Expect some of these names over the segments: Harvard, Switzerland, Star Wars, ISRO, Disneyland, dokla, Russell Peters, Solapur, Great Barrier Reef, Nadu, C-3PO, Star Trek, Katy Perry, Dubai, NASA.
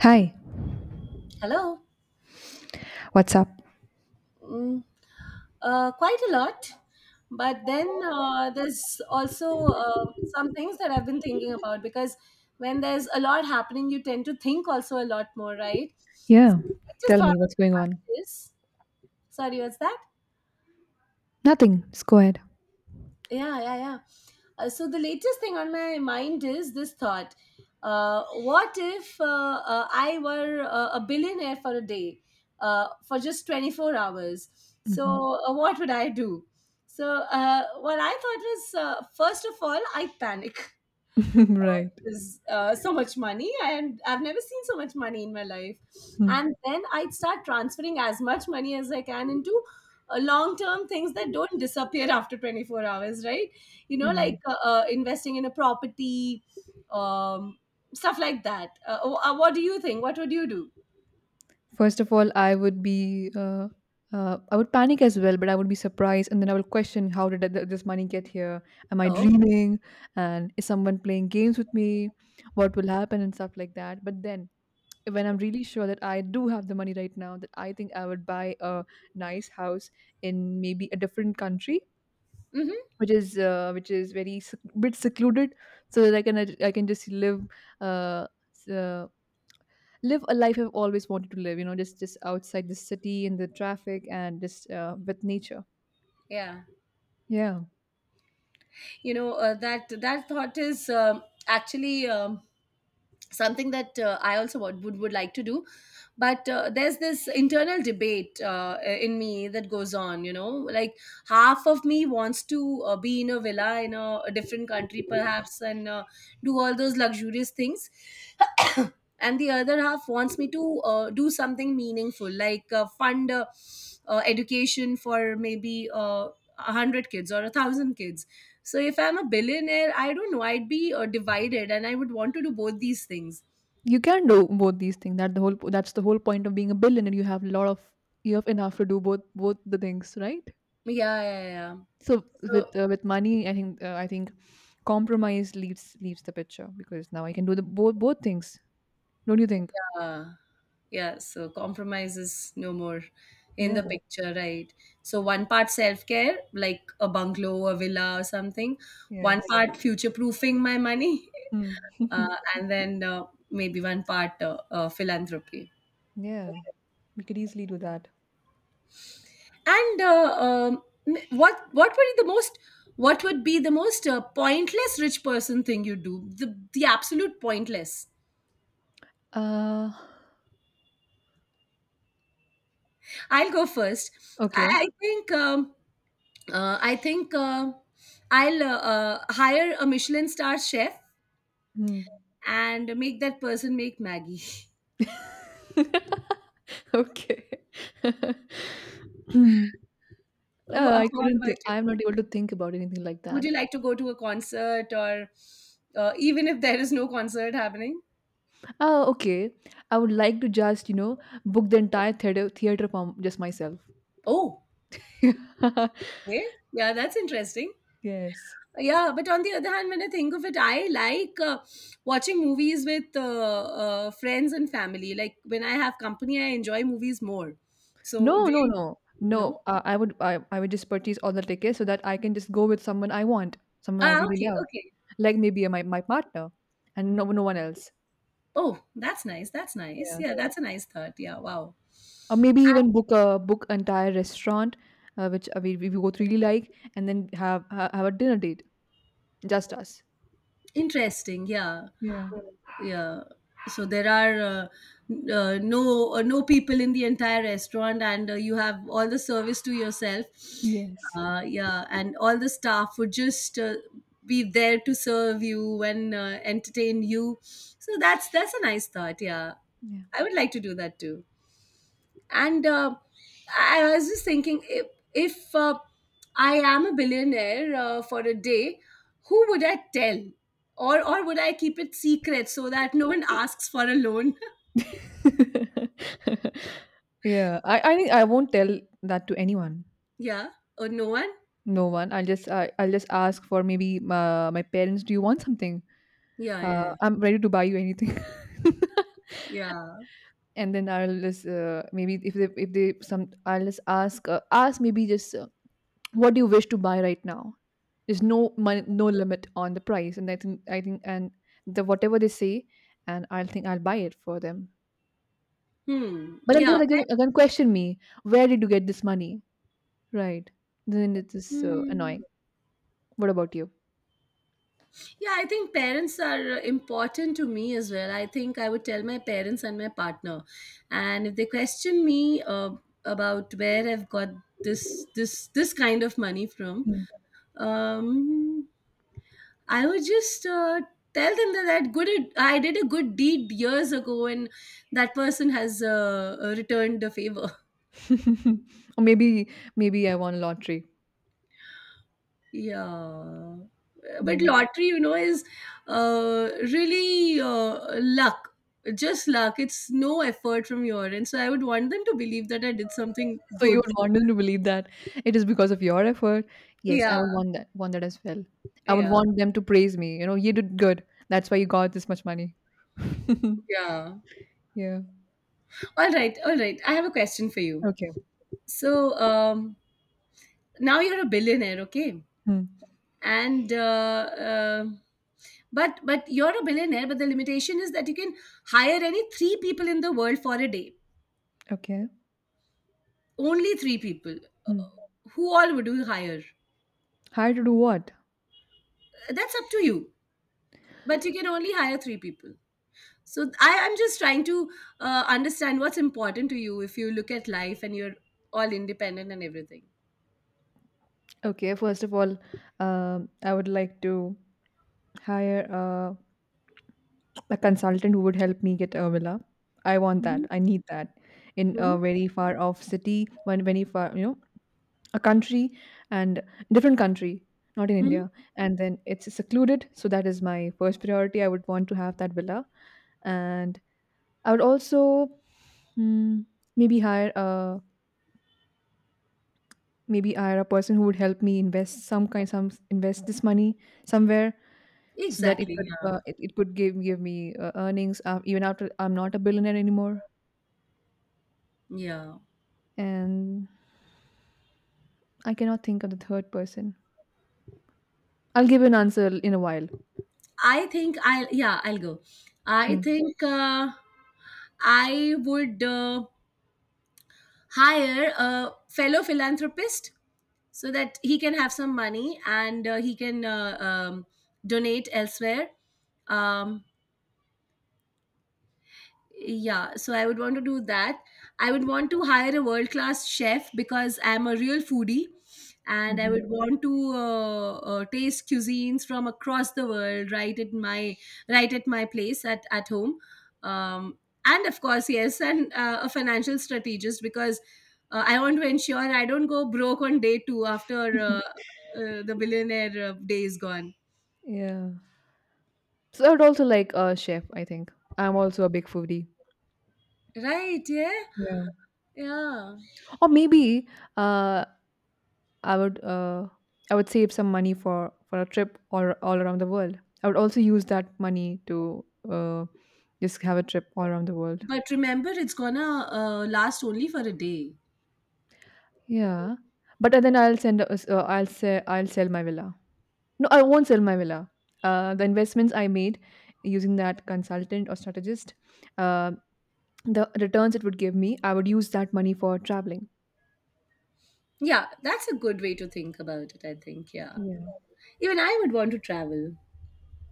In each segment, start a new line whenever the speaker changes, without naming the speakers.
Hi,
Hello.
what's up?
Mm, quite a lot. But then there's also some things that I've been thinking about because when there's a lot happening, you tend to think also a lot more, right? So
Yeah,
I just
tell
thought
me what's going
about
on.
this. Sorry, what's that?
Nothing, just go ahead.
Yeah, yeah, yeah. So the latest thing on my mind is this thought: what if I were a billionaire for a day, for just 24 hours?
Mhm.
So what would I do? So what I thought was, first of all, I panic
Right.
was so much money, and I've never seen so much money in my life, and
Mm.
then I'd start transferring as much money as I can into long-term things that don't disappear after 24 hours, right? You know,
Right.
like investing in a property, um, stuff like that. Oh, what do you think, what would you do?
First of all, I would panic as well, but I would be surprised, and then I will question how did this money get here? Am I
Oh,
dreaming? And is someone playing games with me? What will happen and stuff like that. But then, when I'm really sure that I do have the money right now, that I think I would buy a nice house in maybe a different country
hmm,
which is bit secluded, so that I can just live uh, s- uh, live a life I've always wanted to live. You know, just outside the city and the traffic and just with nature.
yeah,
Yeah,
you know, that thought is actually something that I also would like to do, but there's this internal debate in me that goes on, you know, like half of me wants to be in a villa in a different country perhaps, and do all those luxurious things, and the other half wants me to do something meaningful, like fund education for maybe 100 kids or a 1000 kids. So if I'm a billionaire, I don't know, I'd be divided, and I would want to do both these things.
you can do both these things. That the whole that's the whole point of being a billionaire. You have a lot of you have enough to do both the things, right?
Yeah, yeah, yeah.
So
So,
with money, I think compromise leaves the picture because now I can do the both things. Don't you think?
yeah, yeah. So compromise is no more in
Yeah.
the picture, right? So one part self-care, like a bungalow, a villa, or something. One
Yes.
part future-proofing my money,
Hmm.
and then maybe one part philanthropy.
Yeah, we could easily do that.
And what would be the most, what would be the most pointless rich person thing you do? The absolute pointless.
Uh,
I'll go first. I
okay.
I think. I think, I'll hire a Michelin star chef
Hmm.
and make that person make Maggie.
Okay. Hmm.
Wha-
I
What
couldn't
about
think. I'm not
you?
able to think about anything like
Would
that.
you like to go to a concert, or even if there is no concert happening?
Oh, okay. I would like to just, you know, book the entire theater for just myself.
Oh, okay. Yeah, that's interesting.
Yes.
Yeah, but on the other hand, when I think of it, I like watching movies with friends and family. Like when I have company, I enjoy movies more. So,
No,
do
no,
you
no,
know?
no. Uh, I would, I, I would just purchase all the tickets so that I can just go with someone I want, someone I
Ah,
really
okay,
love,
okay.
like maybe my partner, and no one else.
Oh, that's nice. That's nice.
Yeah.
Yeah, that's a nice thought. Yeah, wow.
Or maybe even book entire restaurant which we both really like and then have a dinner date, just us.
Interesting. Yeah.
Yeah.
Yeah. So there are no no people in the entire restaurant, and you have all the service to yourself.
Yes.
Yeah, and all the staff would just be there to serve you and entertain you. So that's a nice thought. Yeah.
Yeah.
I would like to do that too. And I was just thinking, if I am a billionaire for a day, who would I tell, or would I keep it secret so that no one asks for a loan?
Yeah, I think I won't tell that to anyone.
Yeah, or no one.
No one. I'll just ask my parents, do you want something?
Yeah, yeah,
I'm ready to buy you anything.
yeah. Yeah.
And then I'll just maybe if they some I'll just ask, maybe just what do you wish to buy right now? There's no limit on the price, and I think, and the whatever they say, and I'll think I'll buy it for them.
Hmm.
But then they
Yeah.
will again question me, where did you get this money? Right? Then it is
Hmm.
annoying. What about you?
Yeah, I think parents are important to me as well. I think I would tell my parents and my partner, and if they question me uh, about where I've got this this kind of money from,
Mm.
um I would just tell them that that good I did a good deed years ago, and that person has returned the favor.
or maybe maybe I won a lottery.
Yeah, but
Mm.
lottery, you know, is really luck. Just luck. It's no effort from your end, so I would want them to believe that I did something
So you
good.
would want them to believe that it is because of your effort. Yes, I
Yeah,
would want that as well. I would
yeah,
want them to praise me. You know, you did good. That's why you got this much money.
yeah.
Yeah.
All right, all right, I have a question for you.
Okay.
So, um, now you're a billionaire, okay,
Hmm.
and uh, but you're a billionaire, but the limitation is that you can hire any three people in the world for a day,
Okay.
only three people. Uh,
Hmm.
who all would you hire?
Hire to do what?
That's up to you, but you can only hire three people. So I am just trying to understand what's important to you, if you look at life and you're all independent and everything.
Okay, first of all, I would like to hire a consultant who would help me get a villa. I want that.
Mhm.
I need that in
Mhm.
a very far off city, you know, a country and different country, not in
Mhm.
India. And then it's secluded, so that is my first priority. I would want to have that villa, and I would also, hmm, maybe hire a maybe hire a person who would help me invest some kind some invest this money somewhere, so that
Exactly, yeah.
it could give me earnings even after I'm not a billionaire anymore.
Yeah,
And I cannot think of the third person. I'll give you an answer in a while.
I think I'll, yeah, I'll go. I
Hmm.
think I would hire a fellow philanthropist so that he can have some money, and he can donate elsewhere. Um, Yeah, so I would want to do that. I would want to hire a world class chef because I'm a real foodie, and I
Mhm.
would want to taste cuisines from across the world right at my, right at my place, at home. Um, and of course, yes, and a financial strategist, because I want to ensure I don't go broke on day 2 after the billionaire day is gone.
Yeah. So I would also like a chef. I think I'm also a big foodie.
Right, yeah.
Yeah.
Yeah.
Or maybe uh, I would uh, I would save some money for a trip all around the world. I would also use that money to uh, just have a trip all around the world.
But remember, it's gonna last only for a day.
Yeah, but then I'll send a s I'll say I'll sell my villa. No, I won't sell my villa. The investments I made using that consultant or strategist, uh, the returns it would give me, I would use that money for traveling.
Yeah, that's a good way to think about it, I think. Yeah.
Yeah,
Even I would want to travel.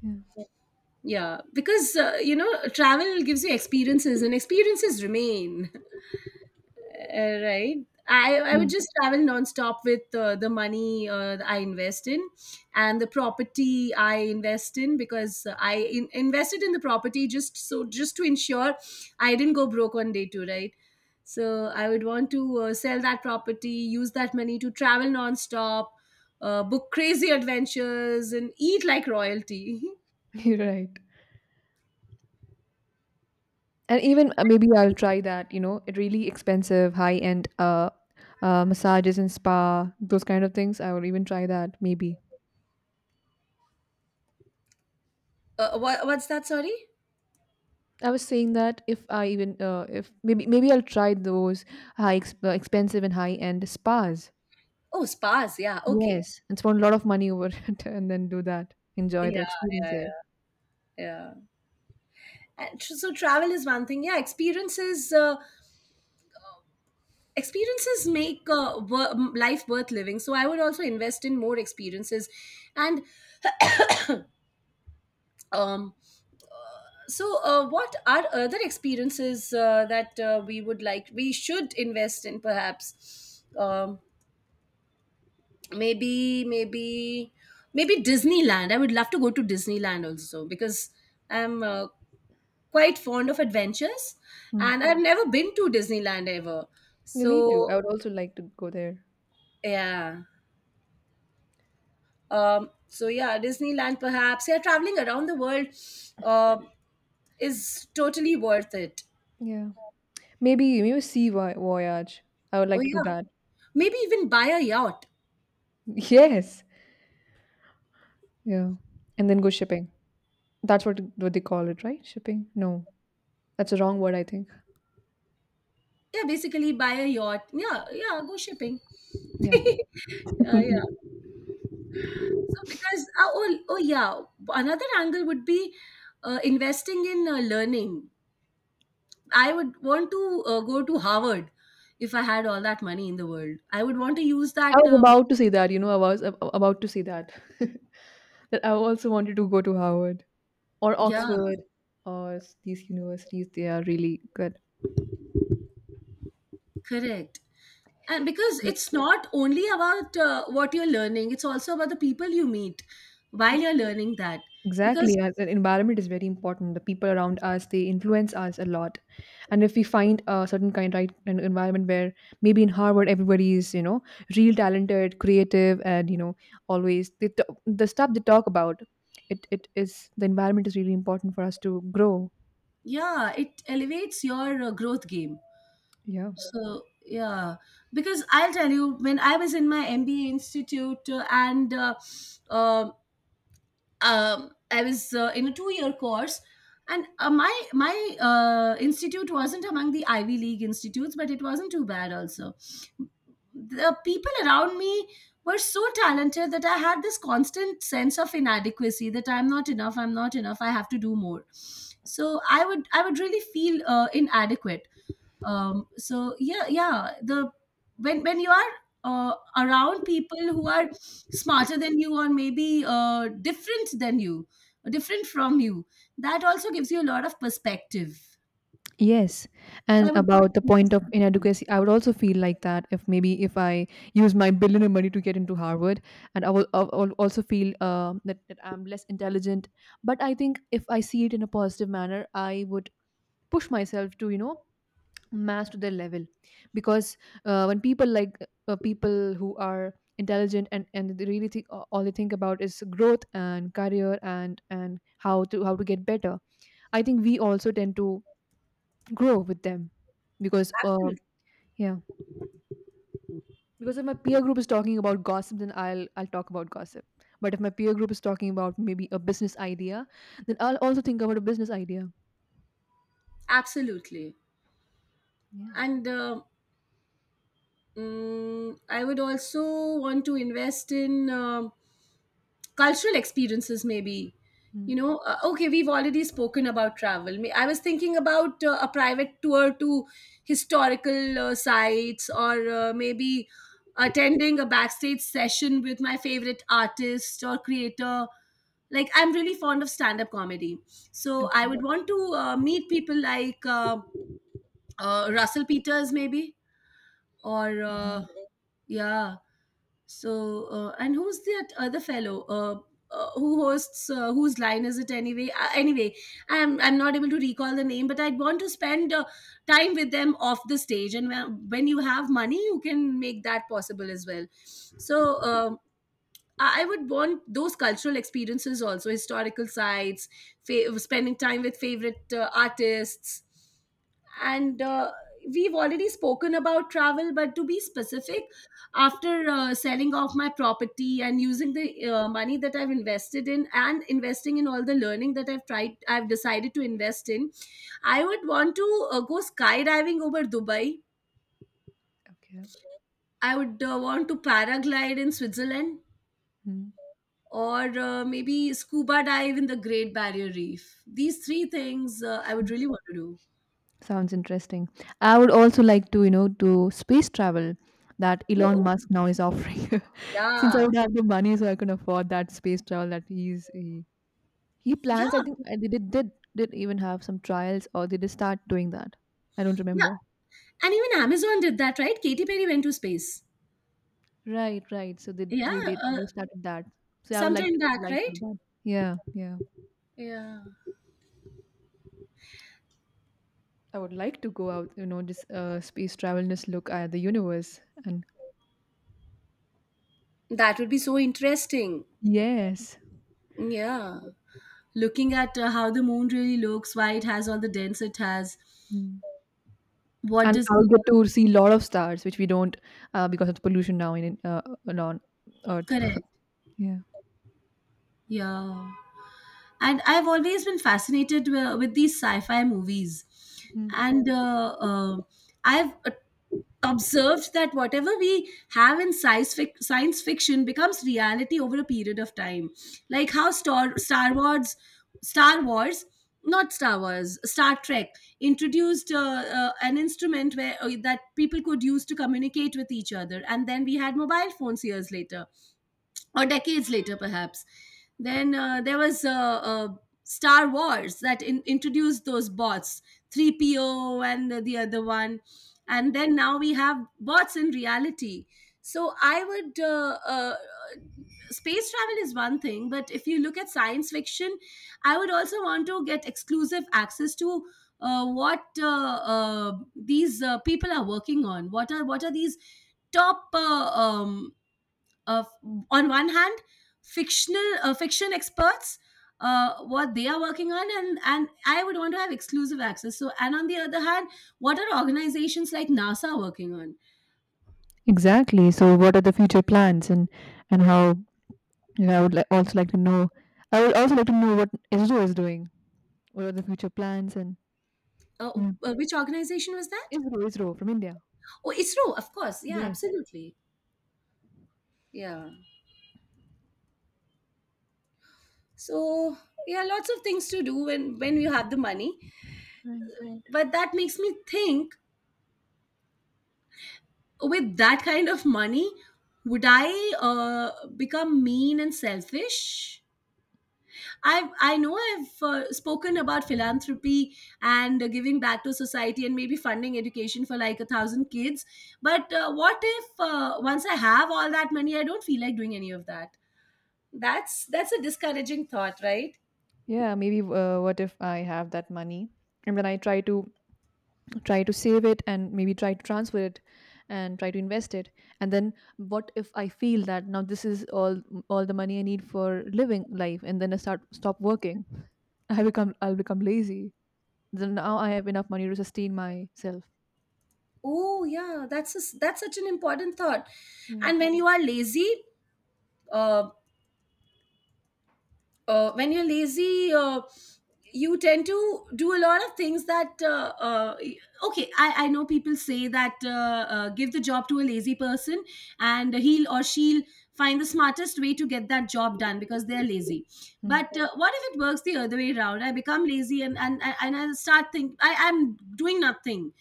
yeah,
Yeah, because, you know, travel gives you experiences, and experiences remain. Right. I
yeah.
would just travel nonstop with the money I invest in, and the property I invest in, because I invested in the property just so, just to ensure I didn't go broke on day two, right? So I would want to sell that property, use that money to travel nonstop, book crazy adventures, and eat like royalty.
You're right. And even maybe I'll try that, you know, it really expensive, high-end massages and spa, those kind of things. I will even try that, maybe.
What, what's that? Sorry.
I was saying that if maybe maybe I'll try those expensive and high end spas.
Oh, spas. Yeah. Okay.
Yes, and spend a lot of money over it, and then do that. Enjoy
Yeah.
the experience
Yeah.
there.
Yeah. Yeah. And so travel is one thing. Yeah, experiences, experiences make life worth living. So I would also invest in more experiences. And, um, so, what are other experiences that we would like, we should invest in? Perhaps, maybe maybe maybe Disneyland. I would love to go to Disneyland also because I'm quite fond of adventures,
Hmm.
and I've never been to Disneyland ever.
Yeah, me too. I
So
would also like to go there.
yeah. So yeah, Disneyland perhaps. Yeah, traveling around the world uh, is totally worth it.
Yeah, maybe maybe voyage. I would
Oh
like to do
yeah,
that.
maybe even buy a yacht.
Yes. Yeah, and then go shipping. That's what they call it, right? Shipping? No, that's a wrong word, I think.
Yeah, basically buy a yacht. Yeah, yeah, go shipping.
Yeah.
Yeah. So because yeah, another angle would be investing in learning. I would want to go to Harvard if I had all that money in the world. I would want to use
I
that.
was about to say that. You know, I was about to say that. That I also wanted to go to Howard or
Yeah,
Oxford or these universities. They are really good.
correct. And because
Yeah,
it's not only about what you're learning, it's also about the people you meet while you're learning that, because,
exactly. And the environment is very important. The people around us, they influence us a lot. And if we find a certain kind right an environment where maybe in Harvard everybody is, you know, real talented, creative, and you know, always they t- the stuff they talk about, it is the environment is really important for us to grow.
yeah, it elevates your growth game.
Yeah.
So yeah, because I'll tell you, when I was in my MBA institute, and um I was in a two-year course, and my institute wasn't among the Ivy League institutes, but it wasn't too bad. Also, the people around me were so talented that I had this constant sense of inadequacy, that I'm not enough, I have to do more. So I would really feel inadequate. Um, so yeah, yeah, the, when you are around people who are smarter than you, or maybe different than you, different from you, that also gives you a lot of perspective.
Yes.
So
And
I would want
about the
to
point
invest
of
in learning.
inadequacy, I would also feel like that if maybe if I use my billionaire money to get into Harvard, and I will also feel that I'm less intelligent. But I think if I see it in a positive manner, I would push myself to, you know, match to their level. Because when people like people who are intelligent, and they really think, all they think about is growth and career and how to get better. I think we also tend to grow with them, because
Absolutely,
yeah, because if my peer group is talking about gossip, then I'll talk about gossip. But if my peer group is talking about maybe a business idea, then I'll also think about a business idea.
absolutely.
Yeah.
And I would also want to invest in, um, cultural experiences maybe. You
Mm.
know, okay, we've already spoken about travel. I was thinking about a private tour to historical sites, or maybe attending a backstage session with my favorite artist or creator. Like, I'm really fond of stand up comedy. So I
Okay.
would want to meet people like Russell Peters maybe, or
Hmm.
uh, yeah. So, and who's that other fellow? Who hosts? Whose Line Is It Anyway? Anyway, I'm not able to recall the name, but I'd want to spend time with them off the stage. And when you have money, you can make that possible as well. So, I would want those cultural experiences also, historical sites, spending time with favorite artists. And we've already spoken about travel, but to be specific, after selling off my property and using the money that I've invested in, and investing in all the learning that I've tried, I've decided to invest in, I would want to go skydiving over Dubai.
Okay.
I would want to paraglide in Switzerland.
Mm.
Or maybe scuba dive in the Great Barrier Reef. These three things I would
Mm.
really want to do.
Sounds interesting. I would also like to, you know, do space travel that
Oh,
Elon
oh,
Musk now is offering. Since I
yeah.
would have the money, so I can afford that space travel that he plans, I think.
Yeah.
They did even have some trials, or they did start doing that. I don't
Yeah.
remember.
And even Amazon did that, right? Katy Perry went to space.
Right, right. So
Yeah. Uh,
they started that. So I would
Sometime back,
like to do
right?
that. Yeah, yeah.
Yeah.
I would like to go out, you know, just space travel, just look at the universe, and
That would be so interesting.
yes.
Yeah. Looking at how the moon really looks, why it has all the dents it has,
Mm.
what
And
does
I
the
will get
earth
to see a lot of stars, which we don't because of the pollution now in on Earth.
correct?
Yeah.
Yeah. And I've always been fascinated with these sci-fi movies,
Mm.
and I've observed that whatever we have in science fiction becomes reality over a period of time, like how star, star wars not Star Wars, Star Trek introduced an instrument where that people could use to communicate with each other. And then we had mobile phones years later, or decades later perhaps. Then there was Star Wars that introduced those bots, 3PO and the other one. And then now we have bots in reality. So I would space travel is one thing, but if you look at science fiction, I would also want to get exclusive access to what these people are working on. What are these top uh, on one hand, fiction experts — what they are working on. And I would want to have exclusive access. So, and on the other hand, what are organizations like NASA working on?
Exactly. So, what are the future plans, and how and I would also like to know. I would also like to know what ISRO is doing. What are the future plans? And
uh,
yeah.
which organization was that?
ISRO, ISRO from India.
Oh, ISRO, of course. Yeah,
Yes.
absolutely. Yeah. So, yeah, lots of things to do when you have the money.
Right.
But that makes me think, with that kind of money, would I become mean and selfish? I know I've spoken about philanthropy and giving back to society, and maybe funding education for like 1,000 kids. But what if once I have all that money, I don't feel like doing any of that? That's a discouraging thought, right?
Yeah. Maybe. What if I have that money, and then I try to try to save it, and maybe try to transfer it, and try to invest it, and then what if I feel that now this is all the money I need for living life, and then I start stop working. I'll become lazy. Then now I have enough money to sustain myself.
Oh yeah, that's such an important thought.
Yeah.
And when you are lazy, uh, when you're lazy, you tend to do a lot of things that okay, I know people say that give the job to a lazy person, and he'll or she'll find the smartest way to get that job done because they're lazy.
Hmm.
But what if it works the other way around? I become lazy, and I start think I'm doing nothing.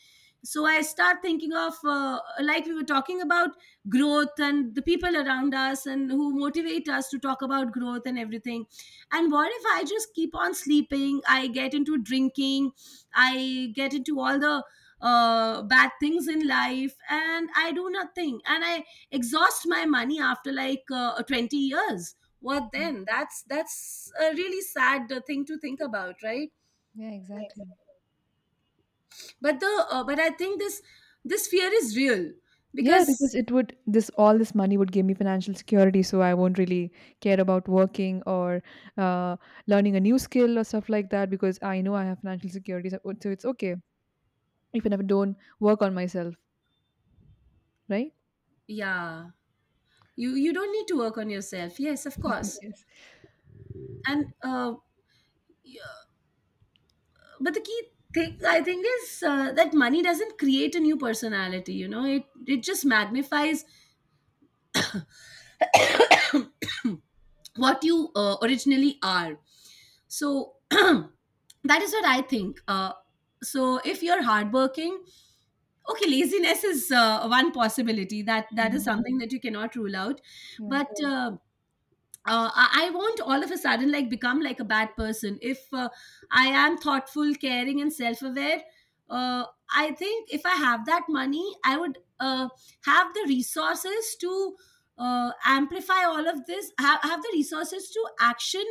So I start thinking of, like we were talking about, growth and the people around us and who motivate us to talk about growth and everything. And what if I just keep on sleeping, I get into drinking, I get into all the bad things in life, and I do nothing, and I exhaust my money after like 20 years? What then? That's a really sad thing to think about, right?
Yeah, exactly.
But the uh, but I think this fear is real,
Yeah,
because...
because it would this all this money would give me financial security, so I won't really care about working or uh, learning a new skill or stuff like that, because I know I have financial security, so, so it's okay if I never don't work on myself, right?
Yeah, you don't need to work on yourself, yes, of course.
Yes.
And but the key thing I think is that money doesn't create a new personality. It just magnifies what you originally are. So that is what I think. So, if you're hardworking — okay, laziness is one possibility, that is
Mhm.
something that you cannot rule out.
Yeah.
But I won't all of a sudden like become like a bad person. If I am thoughtful, caring, and self-aware, uh, I think if I have that money, I would have the resources to amplify all of this, have the resources to action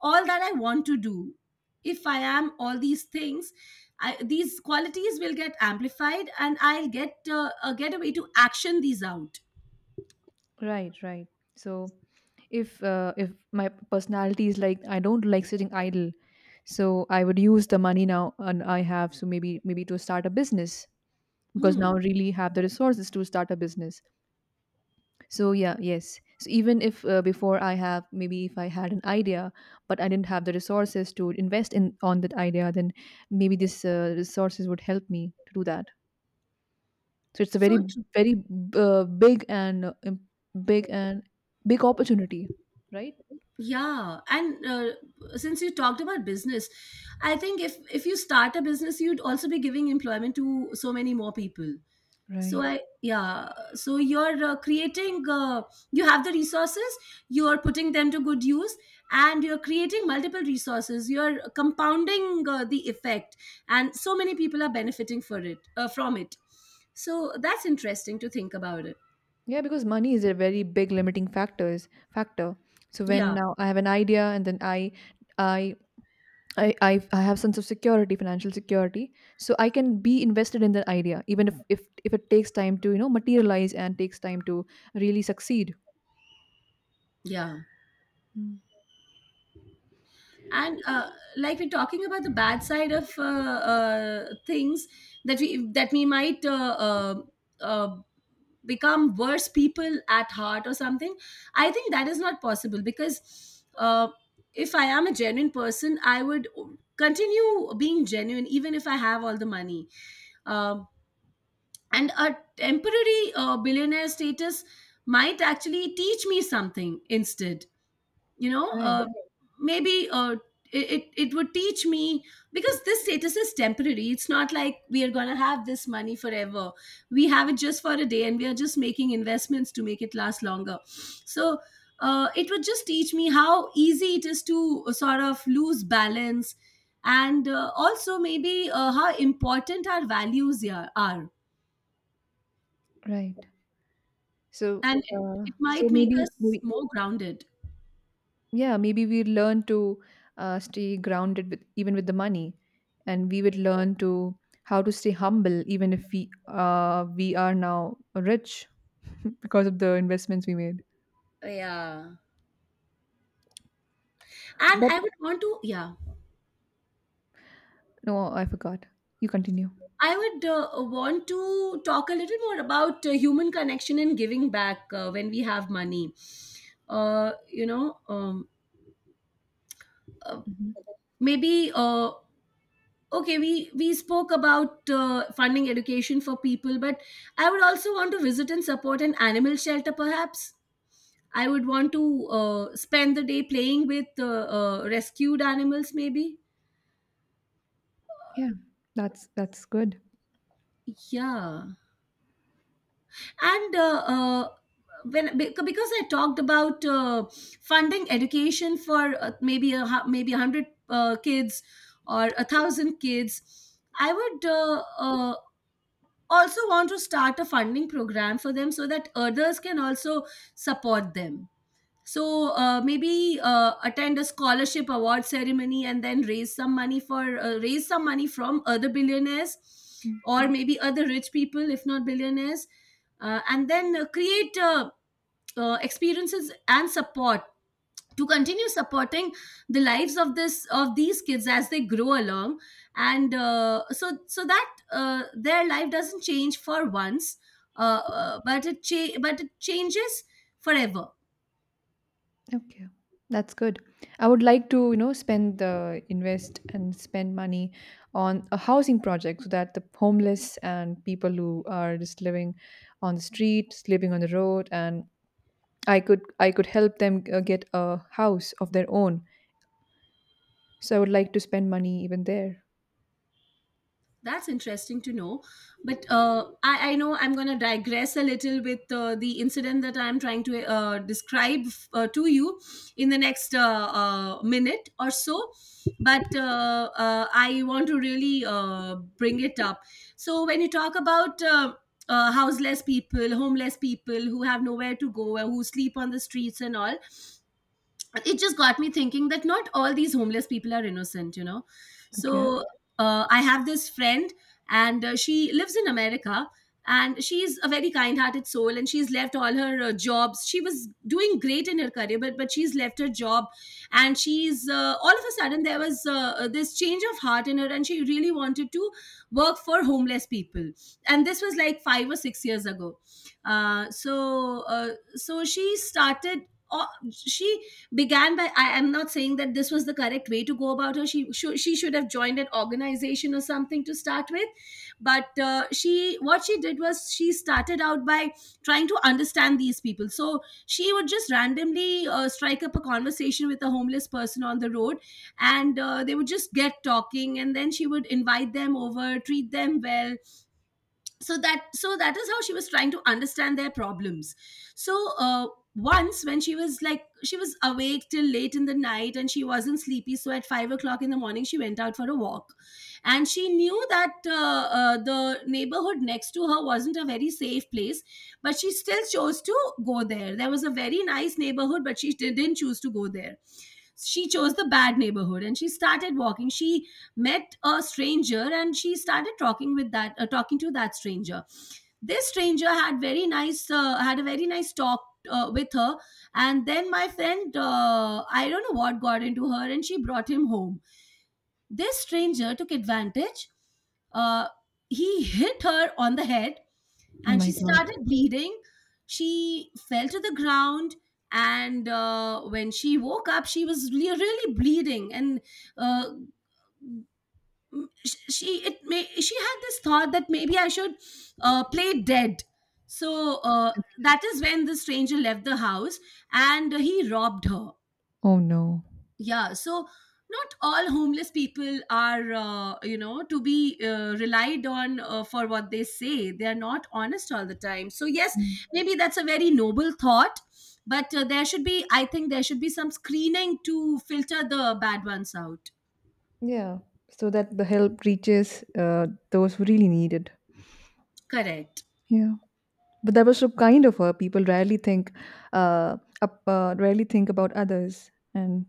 all that I want to do. If I am all these things, these qualities will get amplified, and I'll get a way to action these out.
Right, right. So if my personality is like I don't like sitting idle, so I would use the money now and I have, so maybe maybe to start a business, because
hmm.
now I really have the resources to start a business. So yeah, yes. So even if before I have maybe if I had an idea, but I didn't have the resources to invest in on that idea, then maybe this resources would help me to do that. So it's a
So,
very uh, big and uh, im- big and big opportunity, right?
yeah, and since you talked about business, I think if you start a business, you'd also be giving employment to so many more people. So
Right.
I Yeah, so you're creating you have the resources, you're putting them to good use, and you're creating multiple resources. You're compounding the effect, and so many people are benefiting for it from it. So that's interesting to think about it.
Yeah, because money is a very big limiting factors factor. So when
Yeah,
now I have an idea, and then I I have sense of security, financial security, so I can be invested in that idea, even if it takes time to you know materialize and takes time to really succeed.
yeah.
Mm.
And like we're talking about the bad side of things that we might uh, become worse people at heart or something. I think that is not possible, because if I am a genuine person, I would continue being genuine even if I have all the money. Um and a temporary billionaire status might actually teach me something instead.
Right,
Okay, maybe it would teach me, because this status is temporary. It's not like we are going to have this money forever. We have it just for a day, and we are just making investments to make it last longer. So it would just teach me how easy it is to sort of lose balance, and also maybe how important our values, yeah, are.
right. So
And it might make
maybe
us
we,
more grounded.
yeah, maybe we learn to stay grounded with even with the money, and we would learn to how to stay humble even if we are now rich because of the investments we made.
Yeah, and
But
I would want to, yeah,
no, I forgot. You continue.
I would want to talk a little more about human connection and giving back when we have money. Uh, you know, um, uh, Maybe okay, we spoke about funding education for people, but I would also want to visit and support an animal shelter, perhaps. I would want to spend the day playing with rescued animals, maybe.
Yeah, that's good.
Yeah. And because I talked about funding education for maybe 100 kids, or 1,000 kids. I would also want to start a funding program for them, so that others can also support them. So maybe attend a scholarship award ceremony, and then raise some money from other billionaires,
Mm.
or maybe other rich people, if not billionaires, and then create experiences and support, to continue supporting the lives of this of these kids as they grow along, and so that their life doesn't change for once, but it changes forever.
Okay, that's good. I would like to, you know, spend the invest and spend money on a housing project so that the homeless and people who are just living on the street, just living on the road, and I could help them get a house of their own. So I would like to spend money even there.
That's interesting to know. But I know I'm going to digress a little with the incident that I'm trying to describe to you in the next minute or so. But I want to really bring it up. So, when you talk about houseless people, homeless people who have nowhere to go, who sleep on the streets and all, it just got me thinking that not all these homeless people are innocent.
Okay.
So I have this friend, and she lives in America. And she's a very kind hearted soul, and she's left all her jobs. She was doing great in her career, but she's left her job. And she's all of a sudden, there was this change of heart in her, and she really wanted to work for homeless people. And this was like 5 or 6 years ago. So so she started, uh, she began by — I am not saying that this was the correct way to go about her. She should have joined an organization or something to start with, but she what she did was she started out by trying to understand these people. So she would just randomly strike up a conversation with a homeless person on the road, and they would just get talking, and then she would invite them over, treat them well, so that is how she was trying to understand their problems. So once, when she was, like, she was awake till late in the night, and she wasn't sleepy, so at 5 o'clock in the morning, she went out for a walk. And she knew that the neighborhood next to her wasn't a very safe place, but she still chose to go there. There was a very nice neighborhood, but she didn't choose to go there. She chose the bad neighborhood, and she started walking. She met a stranger, and she started talking to that stranger. This stranger had a very nice talk with her. And then my friend, I don't know what got into her, and she brought him home. This stranger took advantage. uh, he hit her on the head,
Oh
and
my
she
God.
started bleeding. She fell to the ground. And when she woke up, she was really, really bleeding, and uh, Mm, she it may she had this thought that maybe I should play dead. So that is when the stranger left the house, and he robbed her.
Oh no.
Yeah. So not all homeless people are to be relied on for what they say. They are not honest all the time. So yes,
Mm.
maybe that's a very noble thought. But there should be, I think, there should be some screening to filter the bad ones out.
Yeah, so that the help reaches those who really need it.
Correct.
Yeah. But that was so kind of her. People rarely think, uh, rarely think about others and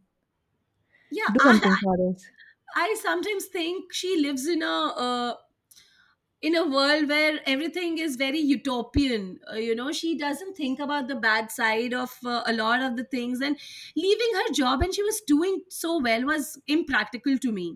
Yeah,
do something for others.
I sometimes think she lives in a world where everything is very utopian. She doesn't think about the bad side of a lot of the things, and leaving her job, and she was doing so well, was impractical to me.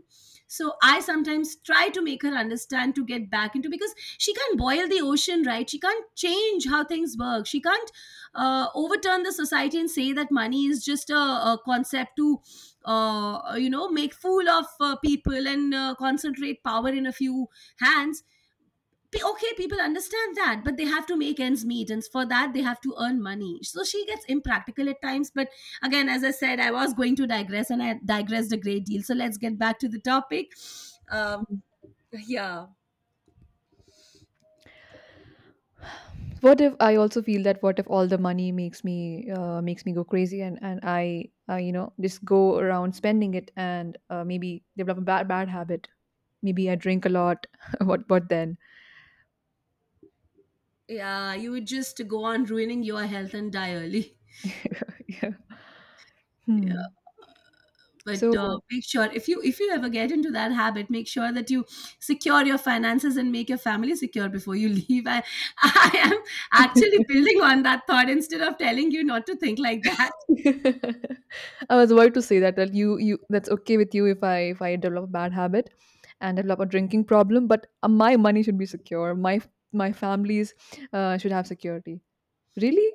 So I sometimes try to make her understand to get back into, because she can't boil the ocean, right? She can't change how things work. She can't overturn the society and say that money is just a concept to make fool of people and concentrate power in a few hands. Okay, people understand that, but they have to make ends meet, and for that, they have to earn money. So she gets impractical at times. But again, as I said, I was going to digress, and I digressed a great deal. So let's get back to the topic. Um, yeah,
What if I also feel that? What if all the money makes me go crazy and I, you know, just go around spending it and maybe develop a bad habit. Maybe I drink a lot. What then?
yeah, you would just go on ruining your health and die early.
Yeah.
Yeah,
Hmm.
but
So
make sure, if you ever get into that habit, make sure that you secure your finances and make your family secure before you leave. I I am actually building on that thought instead of telling you not to think like that.
I was about to say that you, you, that's okay with you if I develop a bad habit and develop a drinking problem, but my money should be secure. My family's should have security. Really?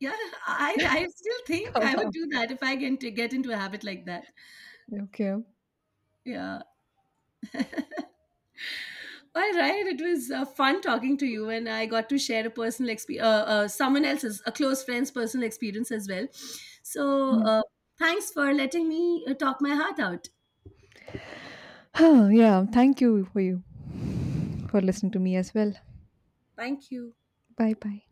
Yeah, I still think
Come
I would
on.
do that if get into a habit like that.
Okay.
Yeah. All right. It was fun talking to you, and I got to share a personal experience, someone else's, a close friend's personal experience as well. So,
Yeah.
thanks for letting me talk my heart out.
Yeah. Thank you for you for listening to me as well.
Thank you.
Bye bye.